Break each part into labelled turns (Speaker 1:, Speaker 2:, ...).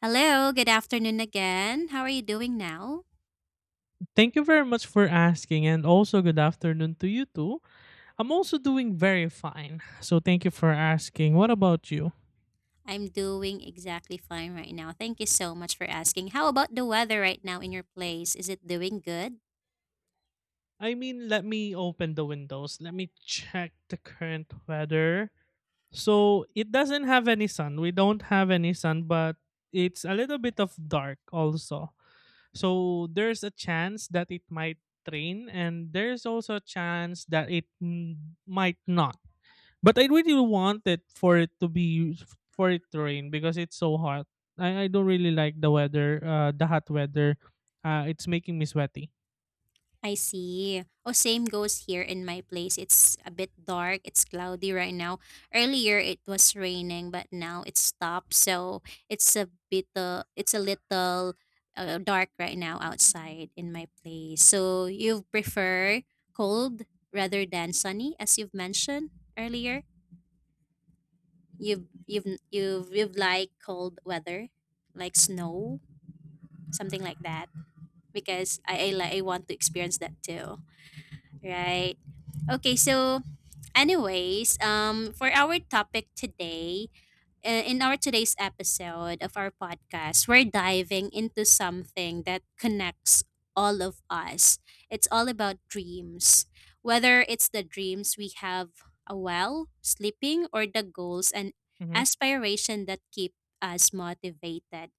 Speaker 1: Hello, good afternoon again. How are you doing now?
Speaker 2: Thank you very much for asking, and also good afternoon to you too. I'm also doing very fine, so thank you for asking. What about you?
Speaker 1: I'm doing exactly fine right now. Thank you so much for asking. How about the weather right now in your place? Is it doing good?
Speaker 2: I mean, let me open the windows. Let me check the current weather. So it doesn't have any sun. We don't have any sun, but it's a little bit of dark also. So there's a chance that it might rain, and there's also a chance that it might not. But I really want it for it to rain because it's so hot. I don't really like the hot weather. It's making me sweaty.
Speaker 1: I see. Oh, same goes here in my place. It's a bit dark. It's cloudy right now. Earlier it was raining, but now it's stopped. So it's a bit. It's a little dark right now outside in my place. So you prefer cold rather than sunny, as you've mentioned earlier? You've like cold weather, like snow, something like that. Because I want to experience that too, right? Okay, so anyways, for our topic today, in our today's episode of our podcast, we're diving into something that connects all of us. It's all about dreams. Whether it's the dreams we have a while sleeping or the goals and
Speaker 2: Mm-hmm,
Speaker 1: aspiration that keep us motivated.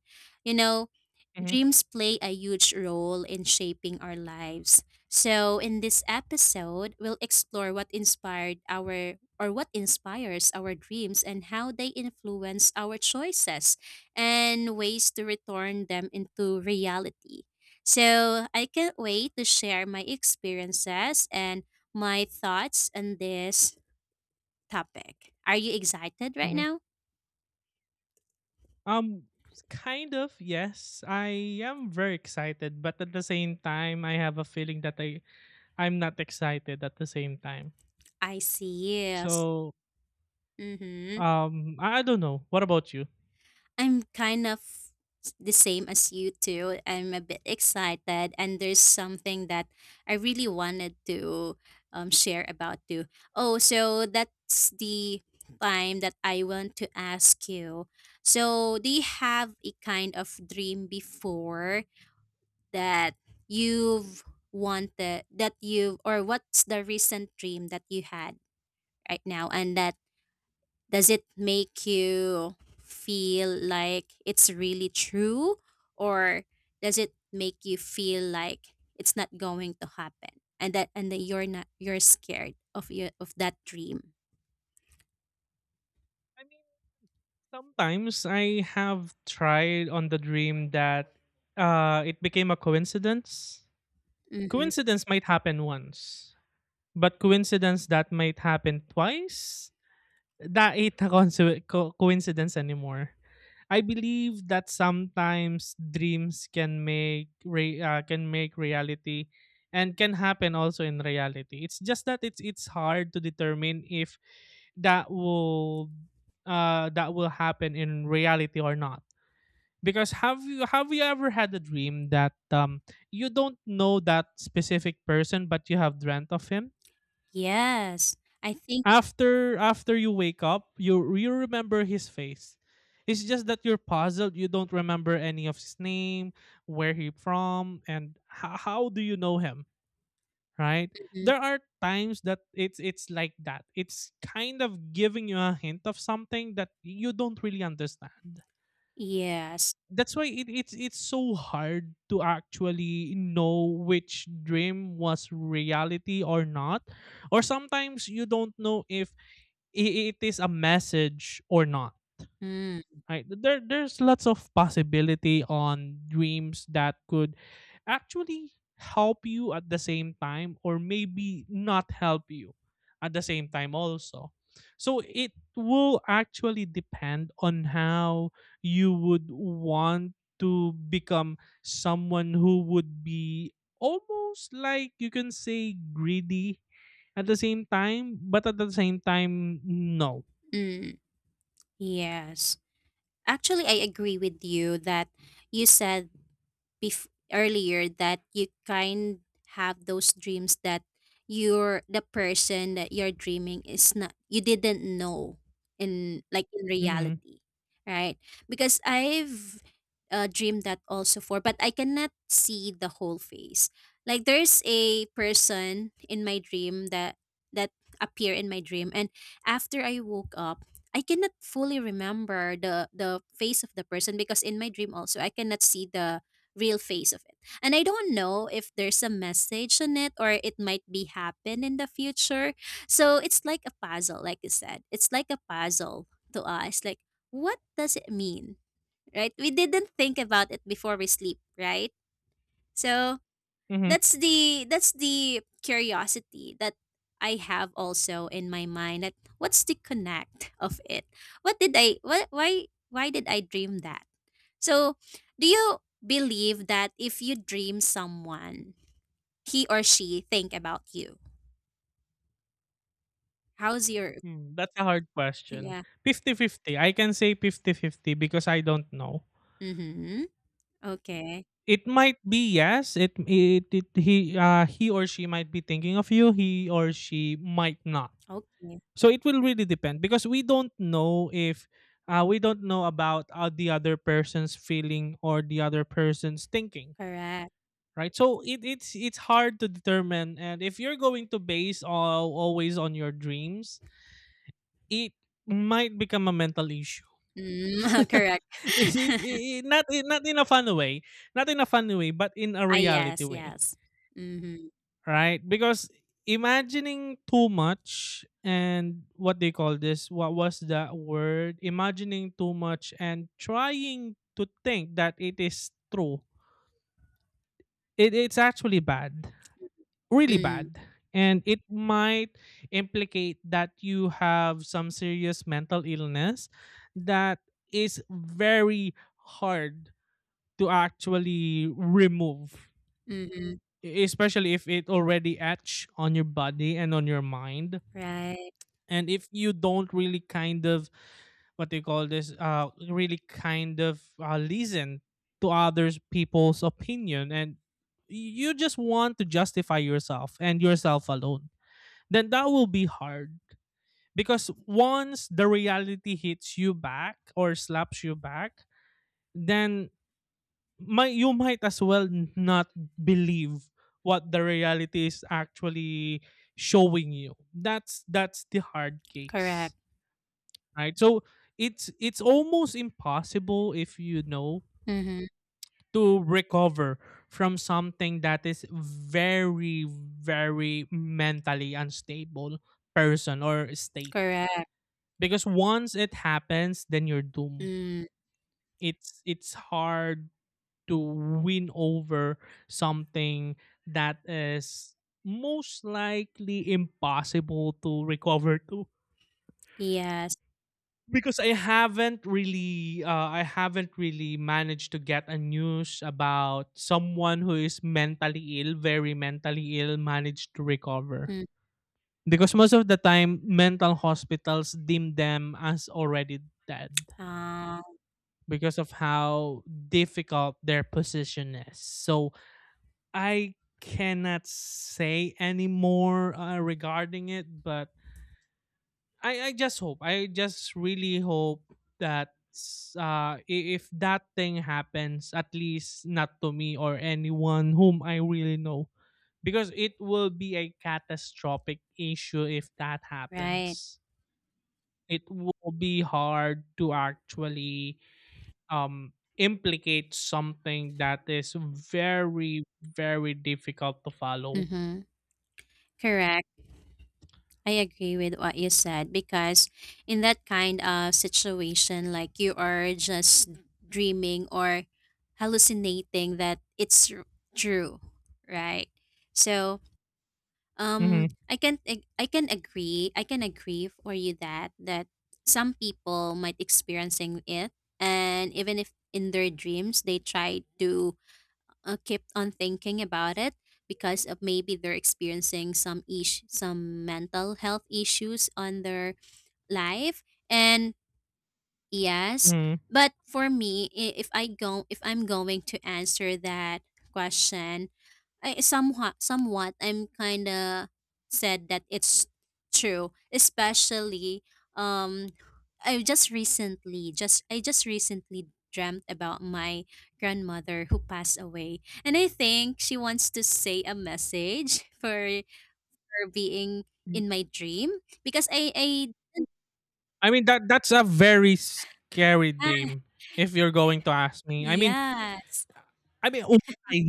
Speaker 1: You know,
Speaker 2: mm-hmm,
Speaker 1: Dreams play a huge role in shaping our lives. So, in this episode, we'll explore what inspires our dreams and how they influence our choices and ways to return them into reality. So, I can't wait to share my experiences and my thoughts on this topic. Are you excited right
Speaker 2: mm-hmm.
Speaker 1: now?
Speaker 2: Um, Kind of, yes. I am very excited, but at the same time, I have a feeling that I'm not excited at the same time.
Speaker 1: I see. Yes.
Speaker 2: So
Speaker 1: Mhm.
Speaker 2: I don't know. What about you?
Speaker 1: I'm kind of the same as you too. I'm a bit excited, and there's something that I really wanted to share about too. Oh, so that's the time that I want to ask you. So, do you have a kind of dream before that you've wanted that you or what's the recent dream that you had right now, and that does it make you feel like it's really true, or does it make you feel like it's not going to happen, and that you're not, you're scared of your of that dream?
Speaker 2: I mean, sometimes I have tried on the dream that it became a coincidence.
Speaker 1: Mhm.
Speaker 2: Coincidence might happen once, but coincidence that might happen twice, that ain't a coincidence anymore. I believe that sometimes dreams can can make reality and can happen also in reality. It's just that it's hard to determine if that will that will happen in reality or not. Because have you ever had a dream that you don't know that specific person but you have dreamt of him?
Speaker 1: Yes. I think
Speaker 2: After you wake up, you remember his face. It's just that you're puzzled. You don't remember any of his name, where he from, and how do you know him, right?
Speaker 1: mhm.
Speaker 2: There are times that it's like that. It's kind of giving you a hint of something that you don't really understand.
Speaker 1: Yes.
Speaker 2: That's why it's so hard to actually know which dream was reality or not. Or sometimes you don't know if it is a message or not,
Speaker 1: Mm,
Speaker 2: right? There's lots of possibility on dreams that could actually help you at the same time, or maybe not help you at the same time also. So it will actually depend on how you would want to become someone who would be almost, like you can say, greedy at the same time, but at the same time no.
Speaker 1: mm, yes. Actually, I agree with you that you said earlier that you kind have those dreams that you're the person that you're dreaming is not, you didn't know in, like, in
Speaker 2: Mhm,
Speaker 1: reality, right? Because I've dreamed that also, for but I cannot see the whole face. Like, there's a person in my dream that appear in my dream, and after I woke up I cannot fully remember the face of the person, because in my dream also I cannot see the real face of it. And I don't know if there's a message in it, or it might be happen in the future. So it's like a puzzle, like you said. It's like a puzzle to us. Like, what does it mean? Right? We didn't think about it before we sleep, right? So
Speaker 2: mhm.
Speaker 1: that's the curiosity that I have also in my mind, that what's the connect of it? What did I, what why did I dream that? So do you believe that if you dream someone, he or she think about you? How's your,
Speaker 2: Hmm, that's a hard question.
Speaker 1: yeah.
Speaker 2: Fifty-fifty. I can say fifty-fifty because I don't know.
Speaker 1: Mm-hmm. Okay.
Speaker 2: It might be yes, it he or she might be thinking of you, he or she might not.
Speaker 1: Okay.
Speaker 2: So it will really depend because we don't know if we don't know about the other person's feeling or the other person's thinking,
Speaker 1: Correct.
Speaker 2: right? So it's hard to determine. And if you're going to base always on your dreams, it might become a mental issue.
Speaker 1: Mm, correct.
Speaker 2: Is it I- Not in a fun way, not in a fun way, but in a
Speaker 1: Ah,
Speaker 2: reality
Speaker 1: yes,
Speaker 2: way,
Speaker 1: yes. Mm-hmm.
Speaker 2: right? Because imagining too much and, what they call this, what was that word? Imagining too much and trying to think that it is true. It's actually bad, really
Speaker 1: Mm,
Speaker 2: bad, and it might implicate that you have some serious mental illness that is very hard to actually remove,
Speaker 1: mm-hmm.
Speaker 2: especially if it already etched on your body and on your mind.
Speaker 1: Right.
Speaker 2: And if you don't really kind of, what do you call this, really kind of, listen to others people's opinion and you just want to justify yourself and yourself alone, then that will be hard. Because once the reality hits you back or slaps you back, then might you might as well not believe what the reality is actually showing you. That's the hard case,
Speaker 1: Correct.
Speaker 2: right? So it's almost impossible, if you know,
Speaker 1: Mm-hmm.
Speaker 2: to recover from something that is very, very mentally unstable person or state.
Speaker 1: Correct.
Speaker 2: Because once it happens, then you're doomed.
Speaker 1: Mm,
Speaker 2: It's hard to win over something that is most likely impossible to recover to,
Speaker 1: yes.
Speaker 2: because I haven't really managed to get a news about someone who is mentally ill, very mentally ill, managed to recover.
Speaker 1: Mm,
Speaker 2: Because most of the time, mental hospitals deem them as already dead
Speaker 1: ah,
Speaker 2: because of how difficult their position is. So I cannot say anymore regarding it, but I just really hope that, if that thing happens, at least not to me or anyone whom I really know, because it will be a catastrophic issue if that
Speaker 1: right.
Speaker 2: happens. It will be hard to actually um implicate something that is very, very difficult to follow.
Speaker 1: Mm-hmm. Correct. I agree with what you said, because in that kind of situation, like, you are just dreaming or hallucinating that it's true, right? So,
Speaker 2: Hmm.
Speaker 1: I can ag- I can agree. I can agree for you that some people might experiencing it, and even if in their dreams they try to kept on thinking about it, because of maybe they're experiencing some mental health issues on their life, and yes,
Speaker 2: Hmm.
Speaker 1: but for me, if I'm going to answer that question, I somewhat I'm kind of said that it's true, especially um I just recently dreamt about my grandmother who passed away, and I think she wants to say a message for her being in my dream, because I
Speaker 2: I mean, that's a very scary dream, if you're going to ask me. I mean,
Speaker 1: yeah.
Speaker 2: I mean, why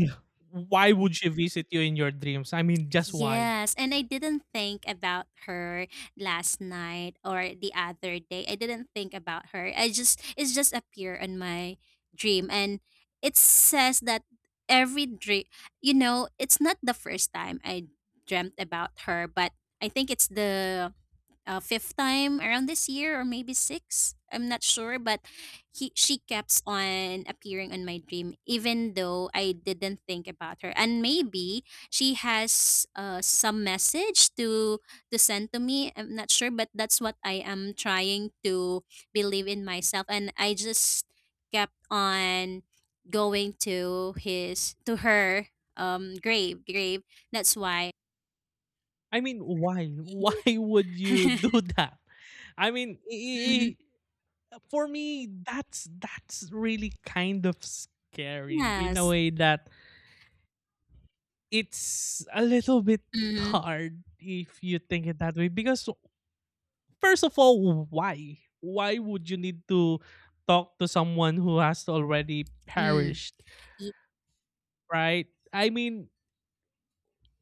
Speaker 2: why would she visit you in your dreams? I mean, just why?
Speaker 1: Yes, and I didn't think about her last night or the other day. I didn't think about her. I just it's just appear on my dream, and it says that every dream, it's not the first time I dreamt about her, but I think it's the fifth time around this year, or maybe six. I'm not sure, but he she kept on appearing on my dream, even though I didn't think about her. And maybe she has some message to send to me. I'm not sure, but that's what I am trying to believe in myself. And I just kept on going to his to her grave. That's why.
Speaker 2: I mean, why? Why would you do that? I mean,
Speaker 1: Mhm.
Speaker 2: for me, that's really kind of scary, in a
Speaker 1: Yes.
Speaker 2: way that it's a little bit
Speaker 1: Mhm.
Speaker 2: hard if you think it that way. Because first of all, why? Why would you need to talk to someone who has already
Speaker 1: Mm,
Speaker 2: perished,
Speaker 1: ye
Speaker 2: right? I mean,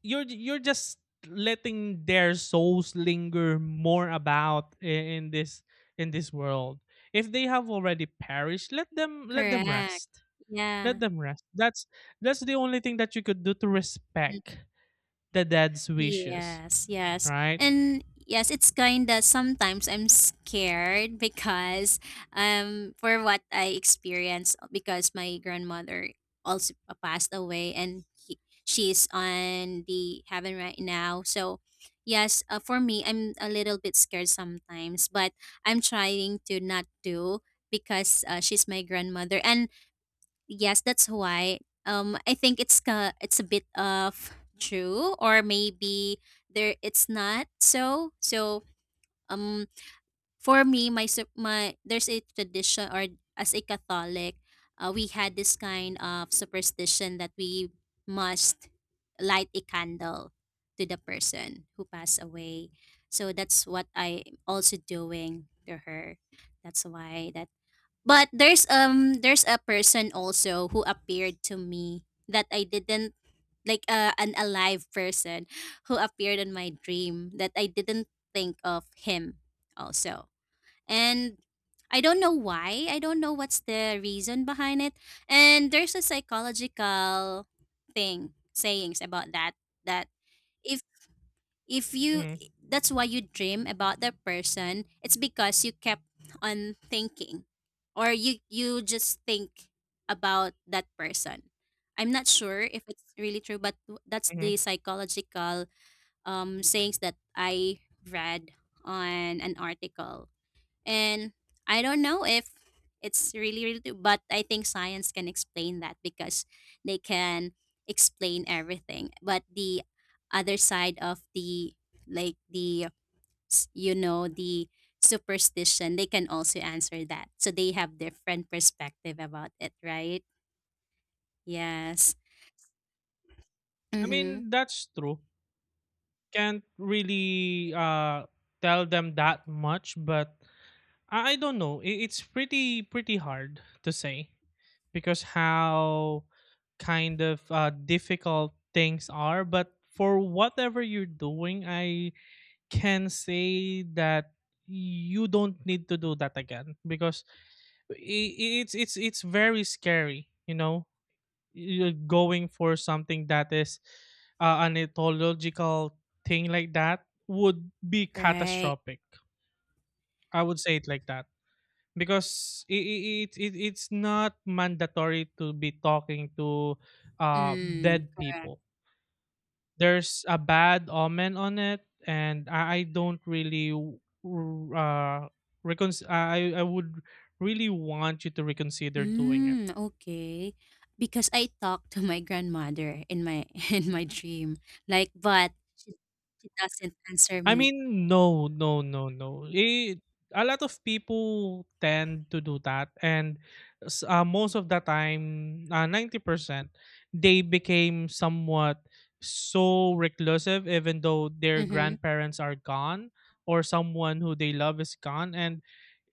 Speaker 2: you're just letting their souls linger more in this in this world. If they have already perished, let them
Speaker 1: correct.
Speaker 2: rest let
Speaker 1: Yeah.
Speaker 2: them rest That's the only thing that you could do to
Speaker 1: Mm,
Speaker 2: respect the dead's wishes,
Speaker 1: yes, yes.
Speaker 2: right?
Speaker 1: And yes, it's kinda sometimes I'm scared, because for what I experienced, because my grandmother also passed away, and she's on the heaven right now. So yes, for me I'm a little bit scared sometimes, but I'm trying to not do, because she's my grandmother, and yes, that's why. I think it's it's a bit of true, or maybe there it's not so. So um, for me, my sup- my there's a tradition, or as a Catholic, we had this kind of superstition that we must light a candle to the person who passed away. So that's what I also doing to her. That's why that, but there's there's a person also who appeared to me that I didn't like, an alive person who appeared in my dream that I didn't think of him also. And I don't know why. I don't know what's the reason behind it. And there's a psychological thing sayings about that if if you,
Speaker 2: Mhm,
Speaker 1: that's why you dream about that person, it's because you kept on thinking, or you just think about that person. I'm not sure if it's really true, but that's the
Speaker 2: mhm.
Speaker 1: psychological sayings that I read on an article, and I don't know if it's really, really true, but I think science can explain that, because they can explain everything. But the other side of the, like, the, you know, the superstition, they can also answer that. So they have different perspective about it, right? Yes.
Speaker 2: I
Speaker 1: Mm-hmm.
Speaker 2: mean, that's true. Can't really tell them that much, but I don't know. It's pretty, pretty hard to say because how kind of, difficult things are. But for whatever you're doing, I can say that you don't need to do that again, because it's very scary. You're going for something that is, an ethological thing like that, would be
Speaker 1: Right.
Speaker 2: catastrophic. I would say it like that, because I it, it it's not mandatory to be talking to
Speaker 1: Mm.
Speaker 2: dead people. There's a bad omen on it, and I don't really w- r- recon- I would really want you to reconsider doing it.
Speaker 1: Mm, okay. Because I talked to my grandmother in my in my dream, like, but she doesn't answer
Speaker 2: I
Speaker 1: me.
Speaker 2: mean, no, no, no, no. A lot of people tend to do that, and most of the time, 90%, they became somewhat so reclusive, even though their
Speaker 1: Mm-hmm.
Speaker 2: grandparents are gone or someone who they love is gone, and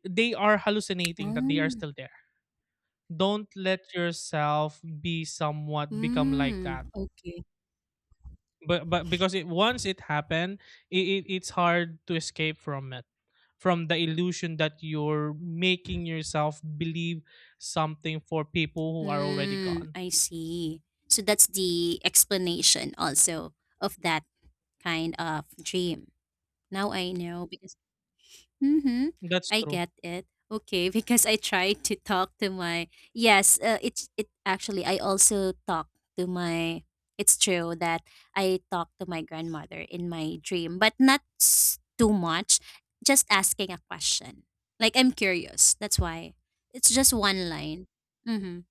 Speaker 2: they are hallucinating that they are
Speaker 1: Oh,
Speaker 2: still there. Don't let yourself be somewhat become like that.
Speaker 1: mm, okay.
Speaker 2: But because, it once it happened, it's hard to escape from it, from the illusion that you're making yourself believe something for people who are already
Speaker 1: Mm,
Speaker 2: gone.
Speaker 1: I see. So that's the explanation also of that kind of dream. Now I know, because mm-hmm,
Speaker 2: That's
Speaker 1: I
Speaker 2: true.
Speaker 1: get it. Okay, because I tried to talk to my, yes, it's it actually, I also talk to my, it's true that I talk to my grandmother in my dream, but not too much, just asking a question. Like, I'm curious. That's why. It's just one line. Mhm.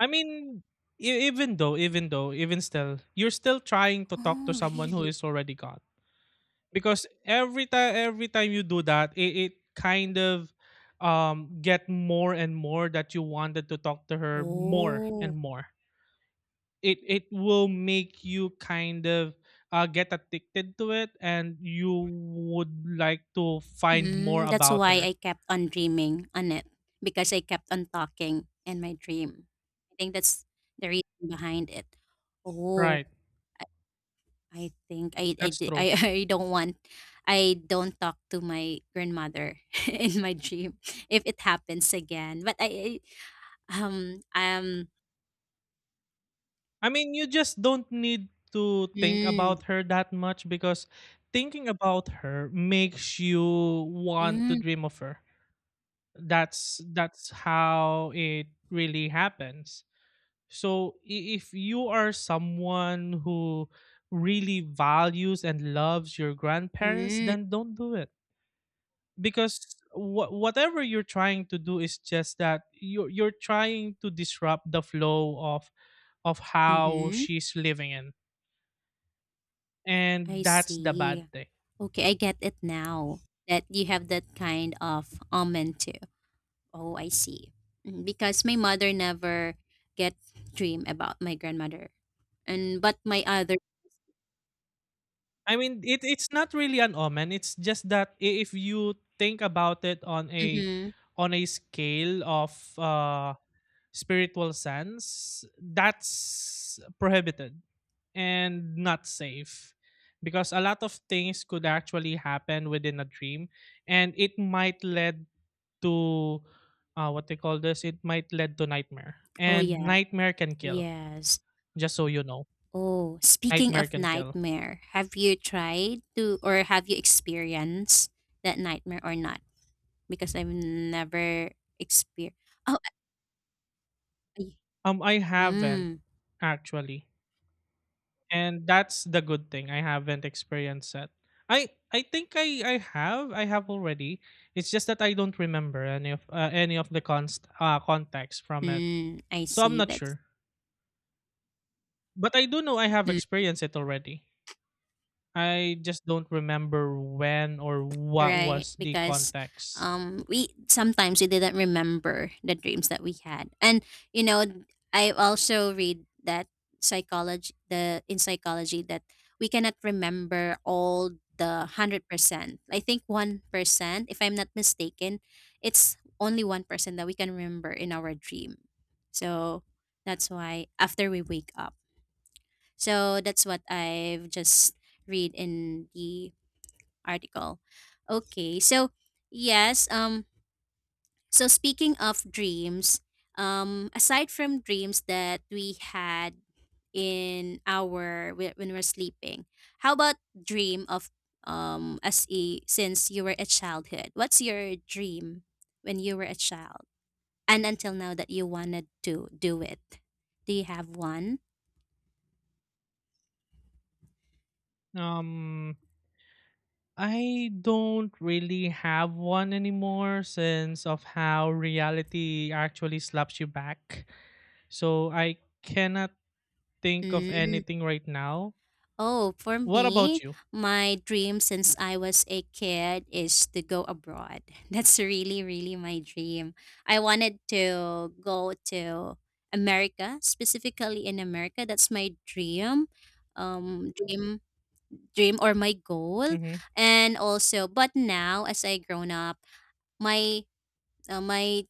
Speaker 2: I mean, even still, you're still trying to talk to
Speaker 1: Oh,
Speaker 2: someone who
Speaker 1: really?
Speaker 2: is already gone. Because every time you do that, it kind of, get more and more that you wanted to talk to her more
Speaker 1: Oh.
Speaker 2: and more. It will make you kind of, get addicted to it, and you would like to find more
Speaker 1: Mm, that's
Speaker 2: about
Speaker 1: why I
Speaker 2: her,
Speaker 1: kept on dreaming on it, because I kept on talking in my dream. I think that's the reason behind it. Oh,
Speaker 2: right?
Speaker 1: I think
Speaker 2: That's true.
Speaker 1: I don't want, I don't talk to my grandmother in my dream if it happens again. But I
Speaker 2: I mean, you just don't need to think
Speaker 1: mm,
Speaker 2: about her that much, because thinking about her makes you want to
Speaker 1: mm,
Speaker 2: dream of her. That's how it really happens. So if you are someone who really values and loves your grandparents,
Speaker 1: mm,
Speaker 2: then don't do it, because whatever you're trying to do is just that you're trying to disrupt the flow of how
Speaker 1: mm-hmm.
Speaker 2: she's living in, and
Speaker 1: I
Speaker 2: that's the bad
Speaker 1: see.
Speaker 2: thing.
Speaker 1: Okay, I get it now that you have that kind of omen too. Oh, I see. Mm, because my mother never get dream about my grandmother. And but my other,
Speaker 2: I mean, it's not really an omen. It's just that, if you think about it
Speaker 1: hmm.
Speaker 2: on a scale of, uh, spiritual sense, that's prohibited and not safe, because a lot of things could actually happen within a dream, and it might lead to, what they call this. It might lead to nightmare,
Speaker 1: Oh
Speaker 2: and
Speaker 1: yeah.
Speaker 2: nightmare can kill.
Speaker 1: Yes.
Speaker 2: Just so you know,
Speaker 1: Oh, speaking
Speaker 2: nightmare
Speaker 1: of
Speaker 2: can kill.
Speaker 1: nightmare, have you tried to, or have you experienced that nightmare or not? Because I've never experienced. Oh, I,
Speaker 2: I haven't
Speaker 1: mm,
Speaker 2: actually. And that's the good thing. I haven't experienced it. I think I have already. It's just that I don't remember any of, any of the const context from it,
Speaker 1: mm, I
Speaker 2: so I'm
Speaker 1: see.
Speaker 2: not
Speaker 1: That's
Speaker 2: sure. But I do know I have experienced it already. I just don't remember when or what
Speaker 1: right,
Speaker 2: was the
Speaker 1: because
Speaker 2: context.
Speaker 1: um, we sometimes we didn't remember the dreams that we had. And you know, I also read that psychology the in psychology that we cannot remember all the 100%. I think 1%, if I'm not mistaken, it's only 1% that we can remember in our dream. So that's why after we wake up. So that's what I've just read in the article. Okay. So, yes, so speaking of dreams, aside from dreams that we had in our when we're sleeping, how about dream of as a since you were a childhood? What's your dream when you were a child? And until now that you wanted to do it. Do you have one?
Speaker 2: Um, I don't really have one anymore, since of how reality actually slaps you back. So I cannot think of
Speaker 1: Mm.
Speaker 2: anything right now.
Speaker 1: Oh, for
Speaker 2: What about
Speaker 1: me,
Speaker 2: you?
Speaker 1: my dream since I was a kid is to go abroad. That's really, really my dream. I wanted to go to America, specifically in America. That's my um, dream, dream or my goal.
Speaker 2: Mm-hmm,
Speaker 1: And also, but now as I grown up, my my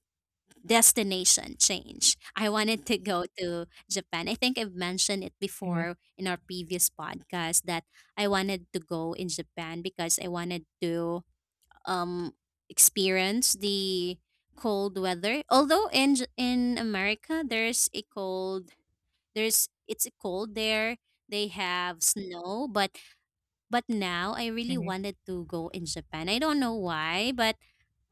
Speaker 1: destination change. I wanted to go to Japan. I think I've mentioned it
Speaker 2: mm-hmm,
Speaker 1: before in our previous podcast that I wanted to go in Japan, because I wanted to um experience the cold weather. Although in America there's a cold, there's it's cold there. They have snow, but now I really
Speaker 2: mm-hmm,
Speaker 1: wanted to go in Japan. I don't know why, but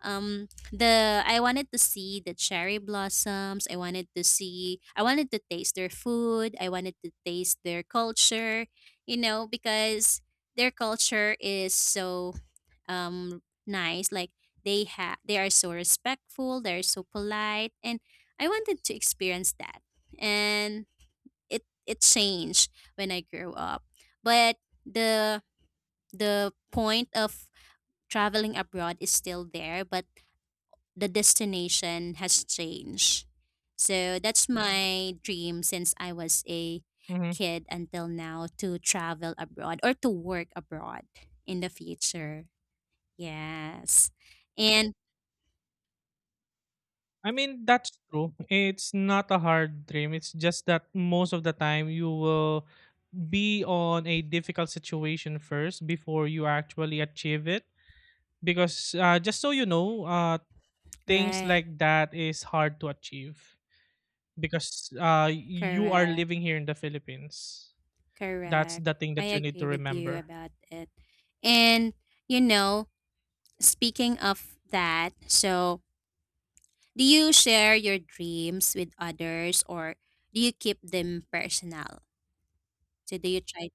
Speaker 1: the I wanted to see the cherry blossoms. I wanted to see, I wanted to taste their food, I wanted to taste their culture because their culture is so um nice. Like they have they are so respectful, they're so polite, and I wanted to experience that. And it changed when I grew up, but the the point of traveling abroad is still there, but the destination has changed. So that's my dream since I was a
Speaker 2: mm-hmm.
Speaker 1: kid until now, to travel abroad or to work abroad in the future. Yes. And
Speaker 2: I mean, that's true. It's not a hard dream. It's just that most of the time you will be on a difficult situation first before you actually achieve it, because, just so you know, things
Speaker 1: right,
Speaker 2: like that is hard to achieve, because, you are
Speaker 1: correct,
Speaker 2: living here in the Philippines. That's
Speaker 1: correct.
Speaker 2: the thing
Speaker 1: I
Speaker 2: that you need to
Speaker 1: agree with you
Speaker 2: remember.
Speaker 1: about it. And you know, speaking of that, so do you share your dreams with others or do you keep them personal? So do you try.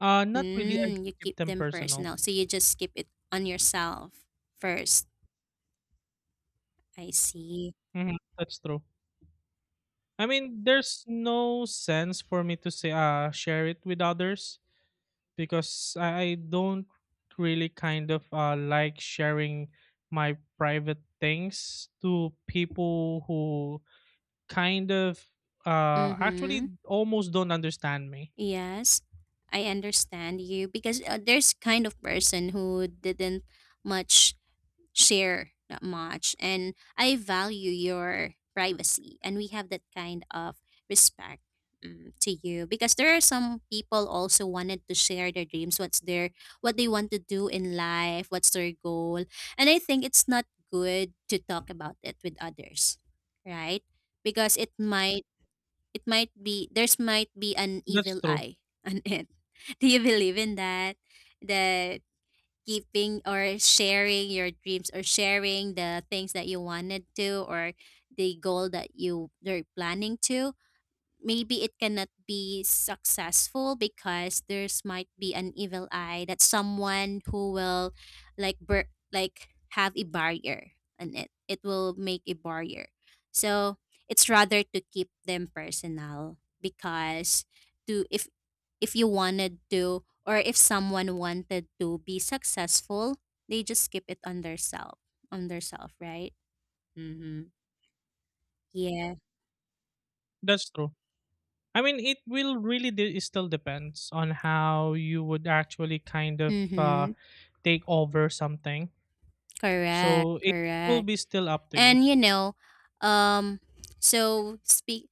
Speaker 2: Not really, I
Speaker 1: Mm, you
Speaker 2: skip
Speaker 1: keep
Speaker 2: them
Speaker 1: them
Speaker 2: personal.
Speaker 1: personal. So you just keep it on yourself first. I see.
Speaker 2: Mhm, that's true. I mean, there's no sense for me to say, share it with others, because I don't really kind of, like sharing my private things to people who kind of,
Speaker 1: Mm-hmm.
Speaker 2: actually almost don't understand me.
Speaker 1: Yes, I understand you because there's kind of person who didn't much share that much, and I value your privacy, and we have that kind of respect, mm, to you. Because there are some people also wanted to share their dreams, what's their, what they want to do in life, what's their goal. And I think it's not good to talk about it with others, right? Because it might, it might be there's might be an
Speaker 2: That's
Speaker 1: evil
Speaker 2: true.
Speaker 1: eye on it. do you believe in that, that keeping or sharing your dreams or sharing the things that you wanted to, or the goal that you are planning to, maybe it cannot be successful because there's might be an evil eye that someone who will, like like have a barrier on it, it will make a barrier. So it's rather to keep them personal, because to, if you wanted to, or if someone wanted to be successful, they just keep it on their self, on their self, right? Mm-hmm. Yeah.
Speaker 2: That's true. I mean, it will really it still depends on how you would actually kind of,
Speaker 1: Mm-hmm.
Speaker 2: take over something.
Speaker 1: Correct,
Speaker 2: So it will
Speaker 1: correct.
Speaker 2: be still up to you.
Speaker 1: And um so speak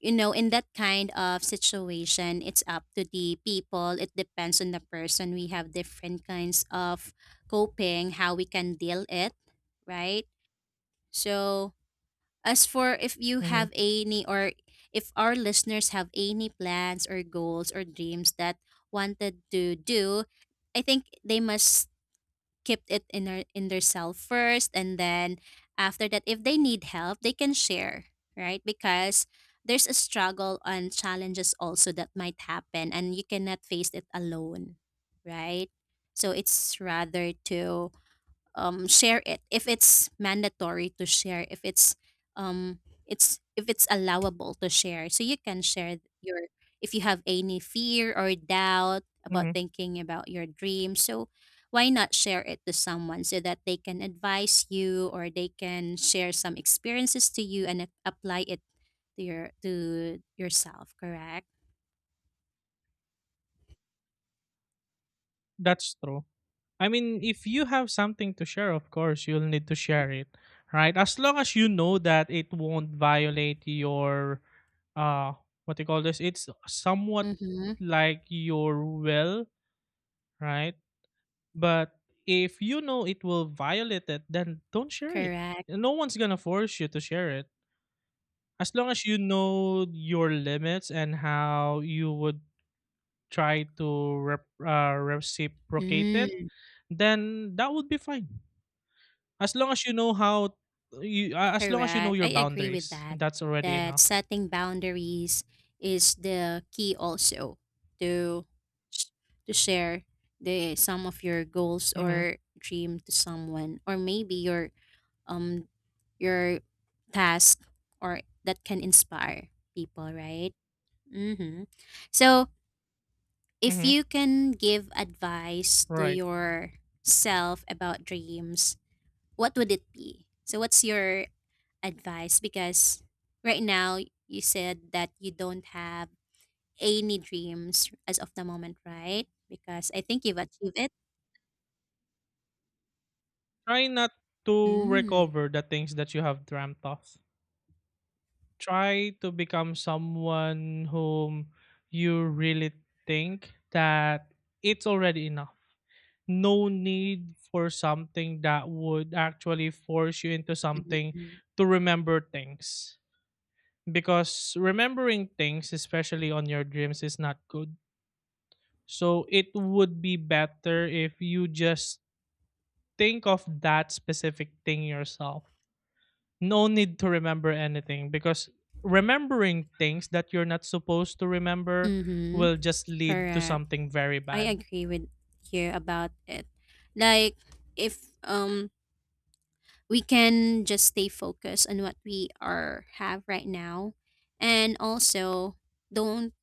Speaker 1: you know, in that kind of situation, it's up to the people. It depends on the person. We have different kinds of coping, how we can deal it, right? So as for if you
Speaker 2: Hmm.
Speaker 1: have any, or if our listeners have any plans or goals or dreams that wanted to do, I think they must kept it in their, in their self first, and then after that if they need help they can share, right? Because there's a struggle and challenges also that might happen, and you cannot face it alone, right? So it's rather to share it if it's mandatory to share, if it's um it's, if it's allowable to share, so you can share your, if you have any fear or doubt about
Speaker 2: Hmm.
Speaker 1: thinking about your dream. So why not share it to someone, so that they can advise you or they can share some experiences to you, and apply it to your, to yourself, correct?
Speaker 2: That's true. I mean, if you have something to share, of course, you'll need to share it, right? As long as you know that it won't violate your, uh, what you call this, it's somewhat
Speaker 1: Mm-hmm.
Speaker 2: like your will, right? But if you know it will violate it, then don't share it.
Speaker 1: Correct.
Speaker 2: No one's gonna force you to share it. As long as you know your limits and how you would try to reciprocate it,
Speaker 1: Mm.
Speaker 2: then that would be fine. As long as you know how you a as long as you know
Speaker 1: Correct. I
Speaker 2: your
Speaker 1: agree with
Speaker 2: boundaries, and
Speaker 1: that.
Speaker 2: that's already
Speaker 1: That
Speaker 2: enough.
Speaker 1: setting boundaries is the key also to sh- to share the some of your goals
Speaker 2: Mhm,
Speaker 1: or dream to someone, or maybe um your task, or that can inspire people, right? Mhm. So, if
Speaker 2: mhm,
Speaker 1: you can give advice to
Speaker 2: right.
Speaker 1: yourself about dreams, what would it be? So, what's your advice? Because right now you said that you don't have any dreams as of the moment, right? Because I think you've achieved it.
Speaker 2: Try not to
Speaker 1: Mm.
Speaker 2: recover the things that you have dreamt of. Try to become someone whom you really think that it's already enough. No need for something that would actually force you into something
Speaker 1: Mm-hmm.
Speaker 2: to remember things. Because remembering things, especially on your dreams, is not good. So it would be better if you just think of that specific thing yourself. No need to remember anything, because remembering things that you're not supposed to remember
Speaker 1: Mm-hmm.
Speaker 2: will just lead to
Speaker 1: Correct.
Speaker 2: something very
Speaker 1: I
Speaker 2: bad.
Speaker 1: agree with you about it. Like, if we can just stay focused on what we are have right now, and also don't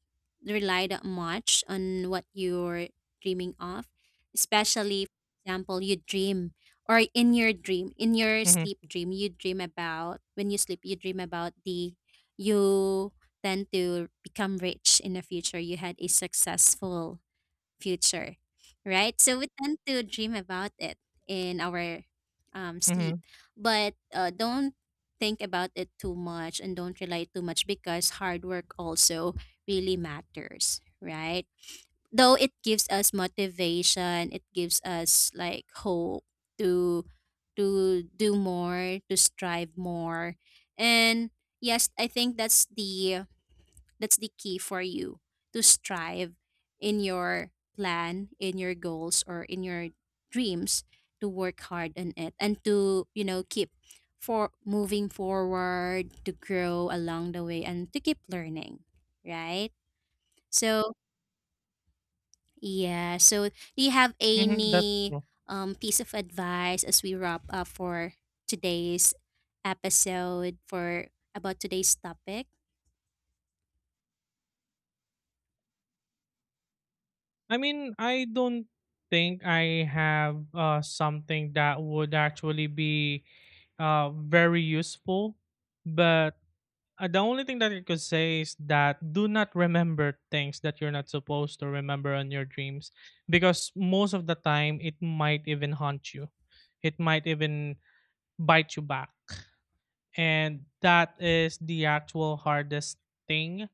Speaker 1: relied much on what you're dreaming of, especially, for example, you dream, or in your dream, in your
Speaker 2: Hmm.
Speaker 1: sleep dream, you dream about, when you sleep, you dream about the, you tend to become rich in the future. You had a successful future, right? So we tend to dream about it in our sleep,
Speaker 2: Hmm.
Speaker 1: but don't think about it too much and don't rely too much, because hard work also really matters, right? Though it gives us motivation, it gives us like hope to to do more, to strive more, and yes, I think that's the, that's the key for you to strive in your plan, in your goals, or in your dreams, to work hard on it and to, you know, keep for moving forward, to grow along the way and to keep learning, right? So, yeah. So, do you have
Speaker 2: Hmm. That's
Speaker 1: any
Speaker 2: true.
Speaker 1: piece of advice as we wrap up for today's episode, for about today's topic?
Speaker 2: I mean, I don't think I have, something that would actually be, very useful, but the only thing that I could say is that do not remember things that you're not supposed to remember on your dreams, because most of the time it might even haunt you. It might even bite you back. And that is the actual hardest thing.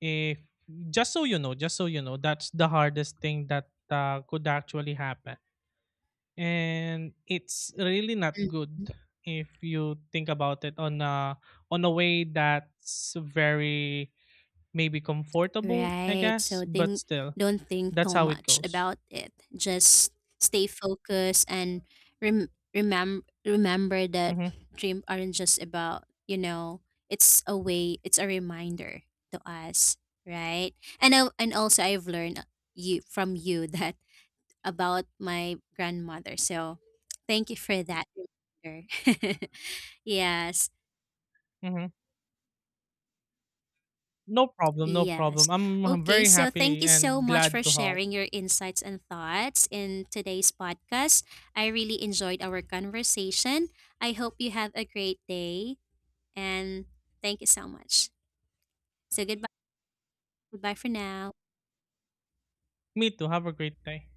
Speaker 2: If Just so you know, that's the hardest thing that, could actually happen. And it's really not
Speaker 1: Mm.
Speaker 2: good if you think about it on a way that's very maybe comfortable, I
Speaker 1: Right.
Speaker 2: guess,
Speaker 1: So
Speaker 2: but
Speaker 1: think,
Speaker 2: still,
Speaker 1: don't think
Speaker 2: that's
Speaker 1: too
Speaker 2: how it
Speaker 1: much
Speaker 2: goes.
Speaker 1: about it. Just stay focused and rem- remember that
Speaker 2: Mhm.
Speaker 1: dreams aren't just about, you know, it's a way, it's a reminder to us, right? And also I've learned you from you that, about my grandmother. So thank you for that reminder. yes.
Speaker 2: Mhm. No problem, no
Speaker 1: Yes.
Speaker 2: problem. I'm
Speaker 1: Okay,
Speaker 2: very
Speaker 1: so thank
Speaker 2: happy
Speaker 1: you so
Speaker 2: and
Speaker 1: much for
Speaker 2: glad to help.
Speaker 1: sharing your insights and thoughts in today's podcast. I really enjoyed our conversation. I hope you have a great day, and thank you so much. So goodbye. Goodbye for now.
Speaker 2: Me too. Have a great day.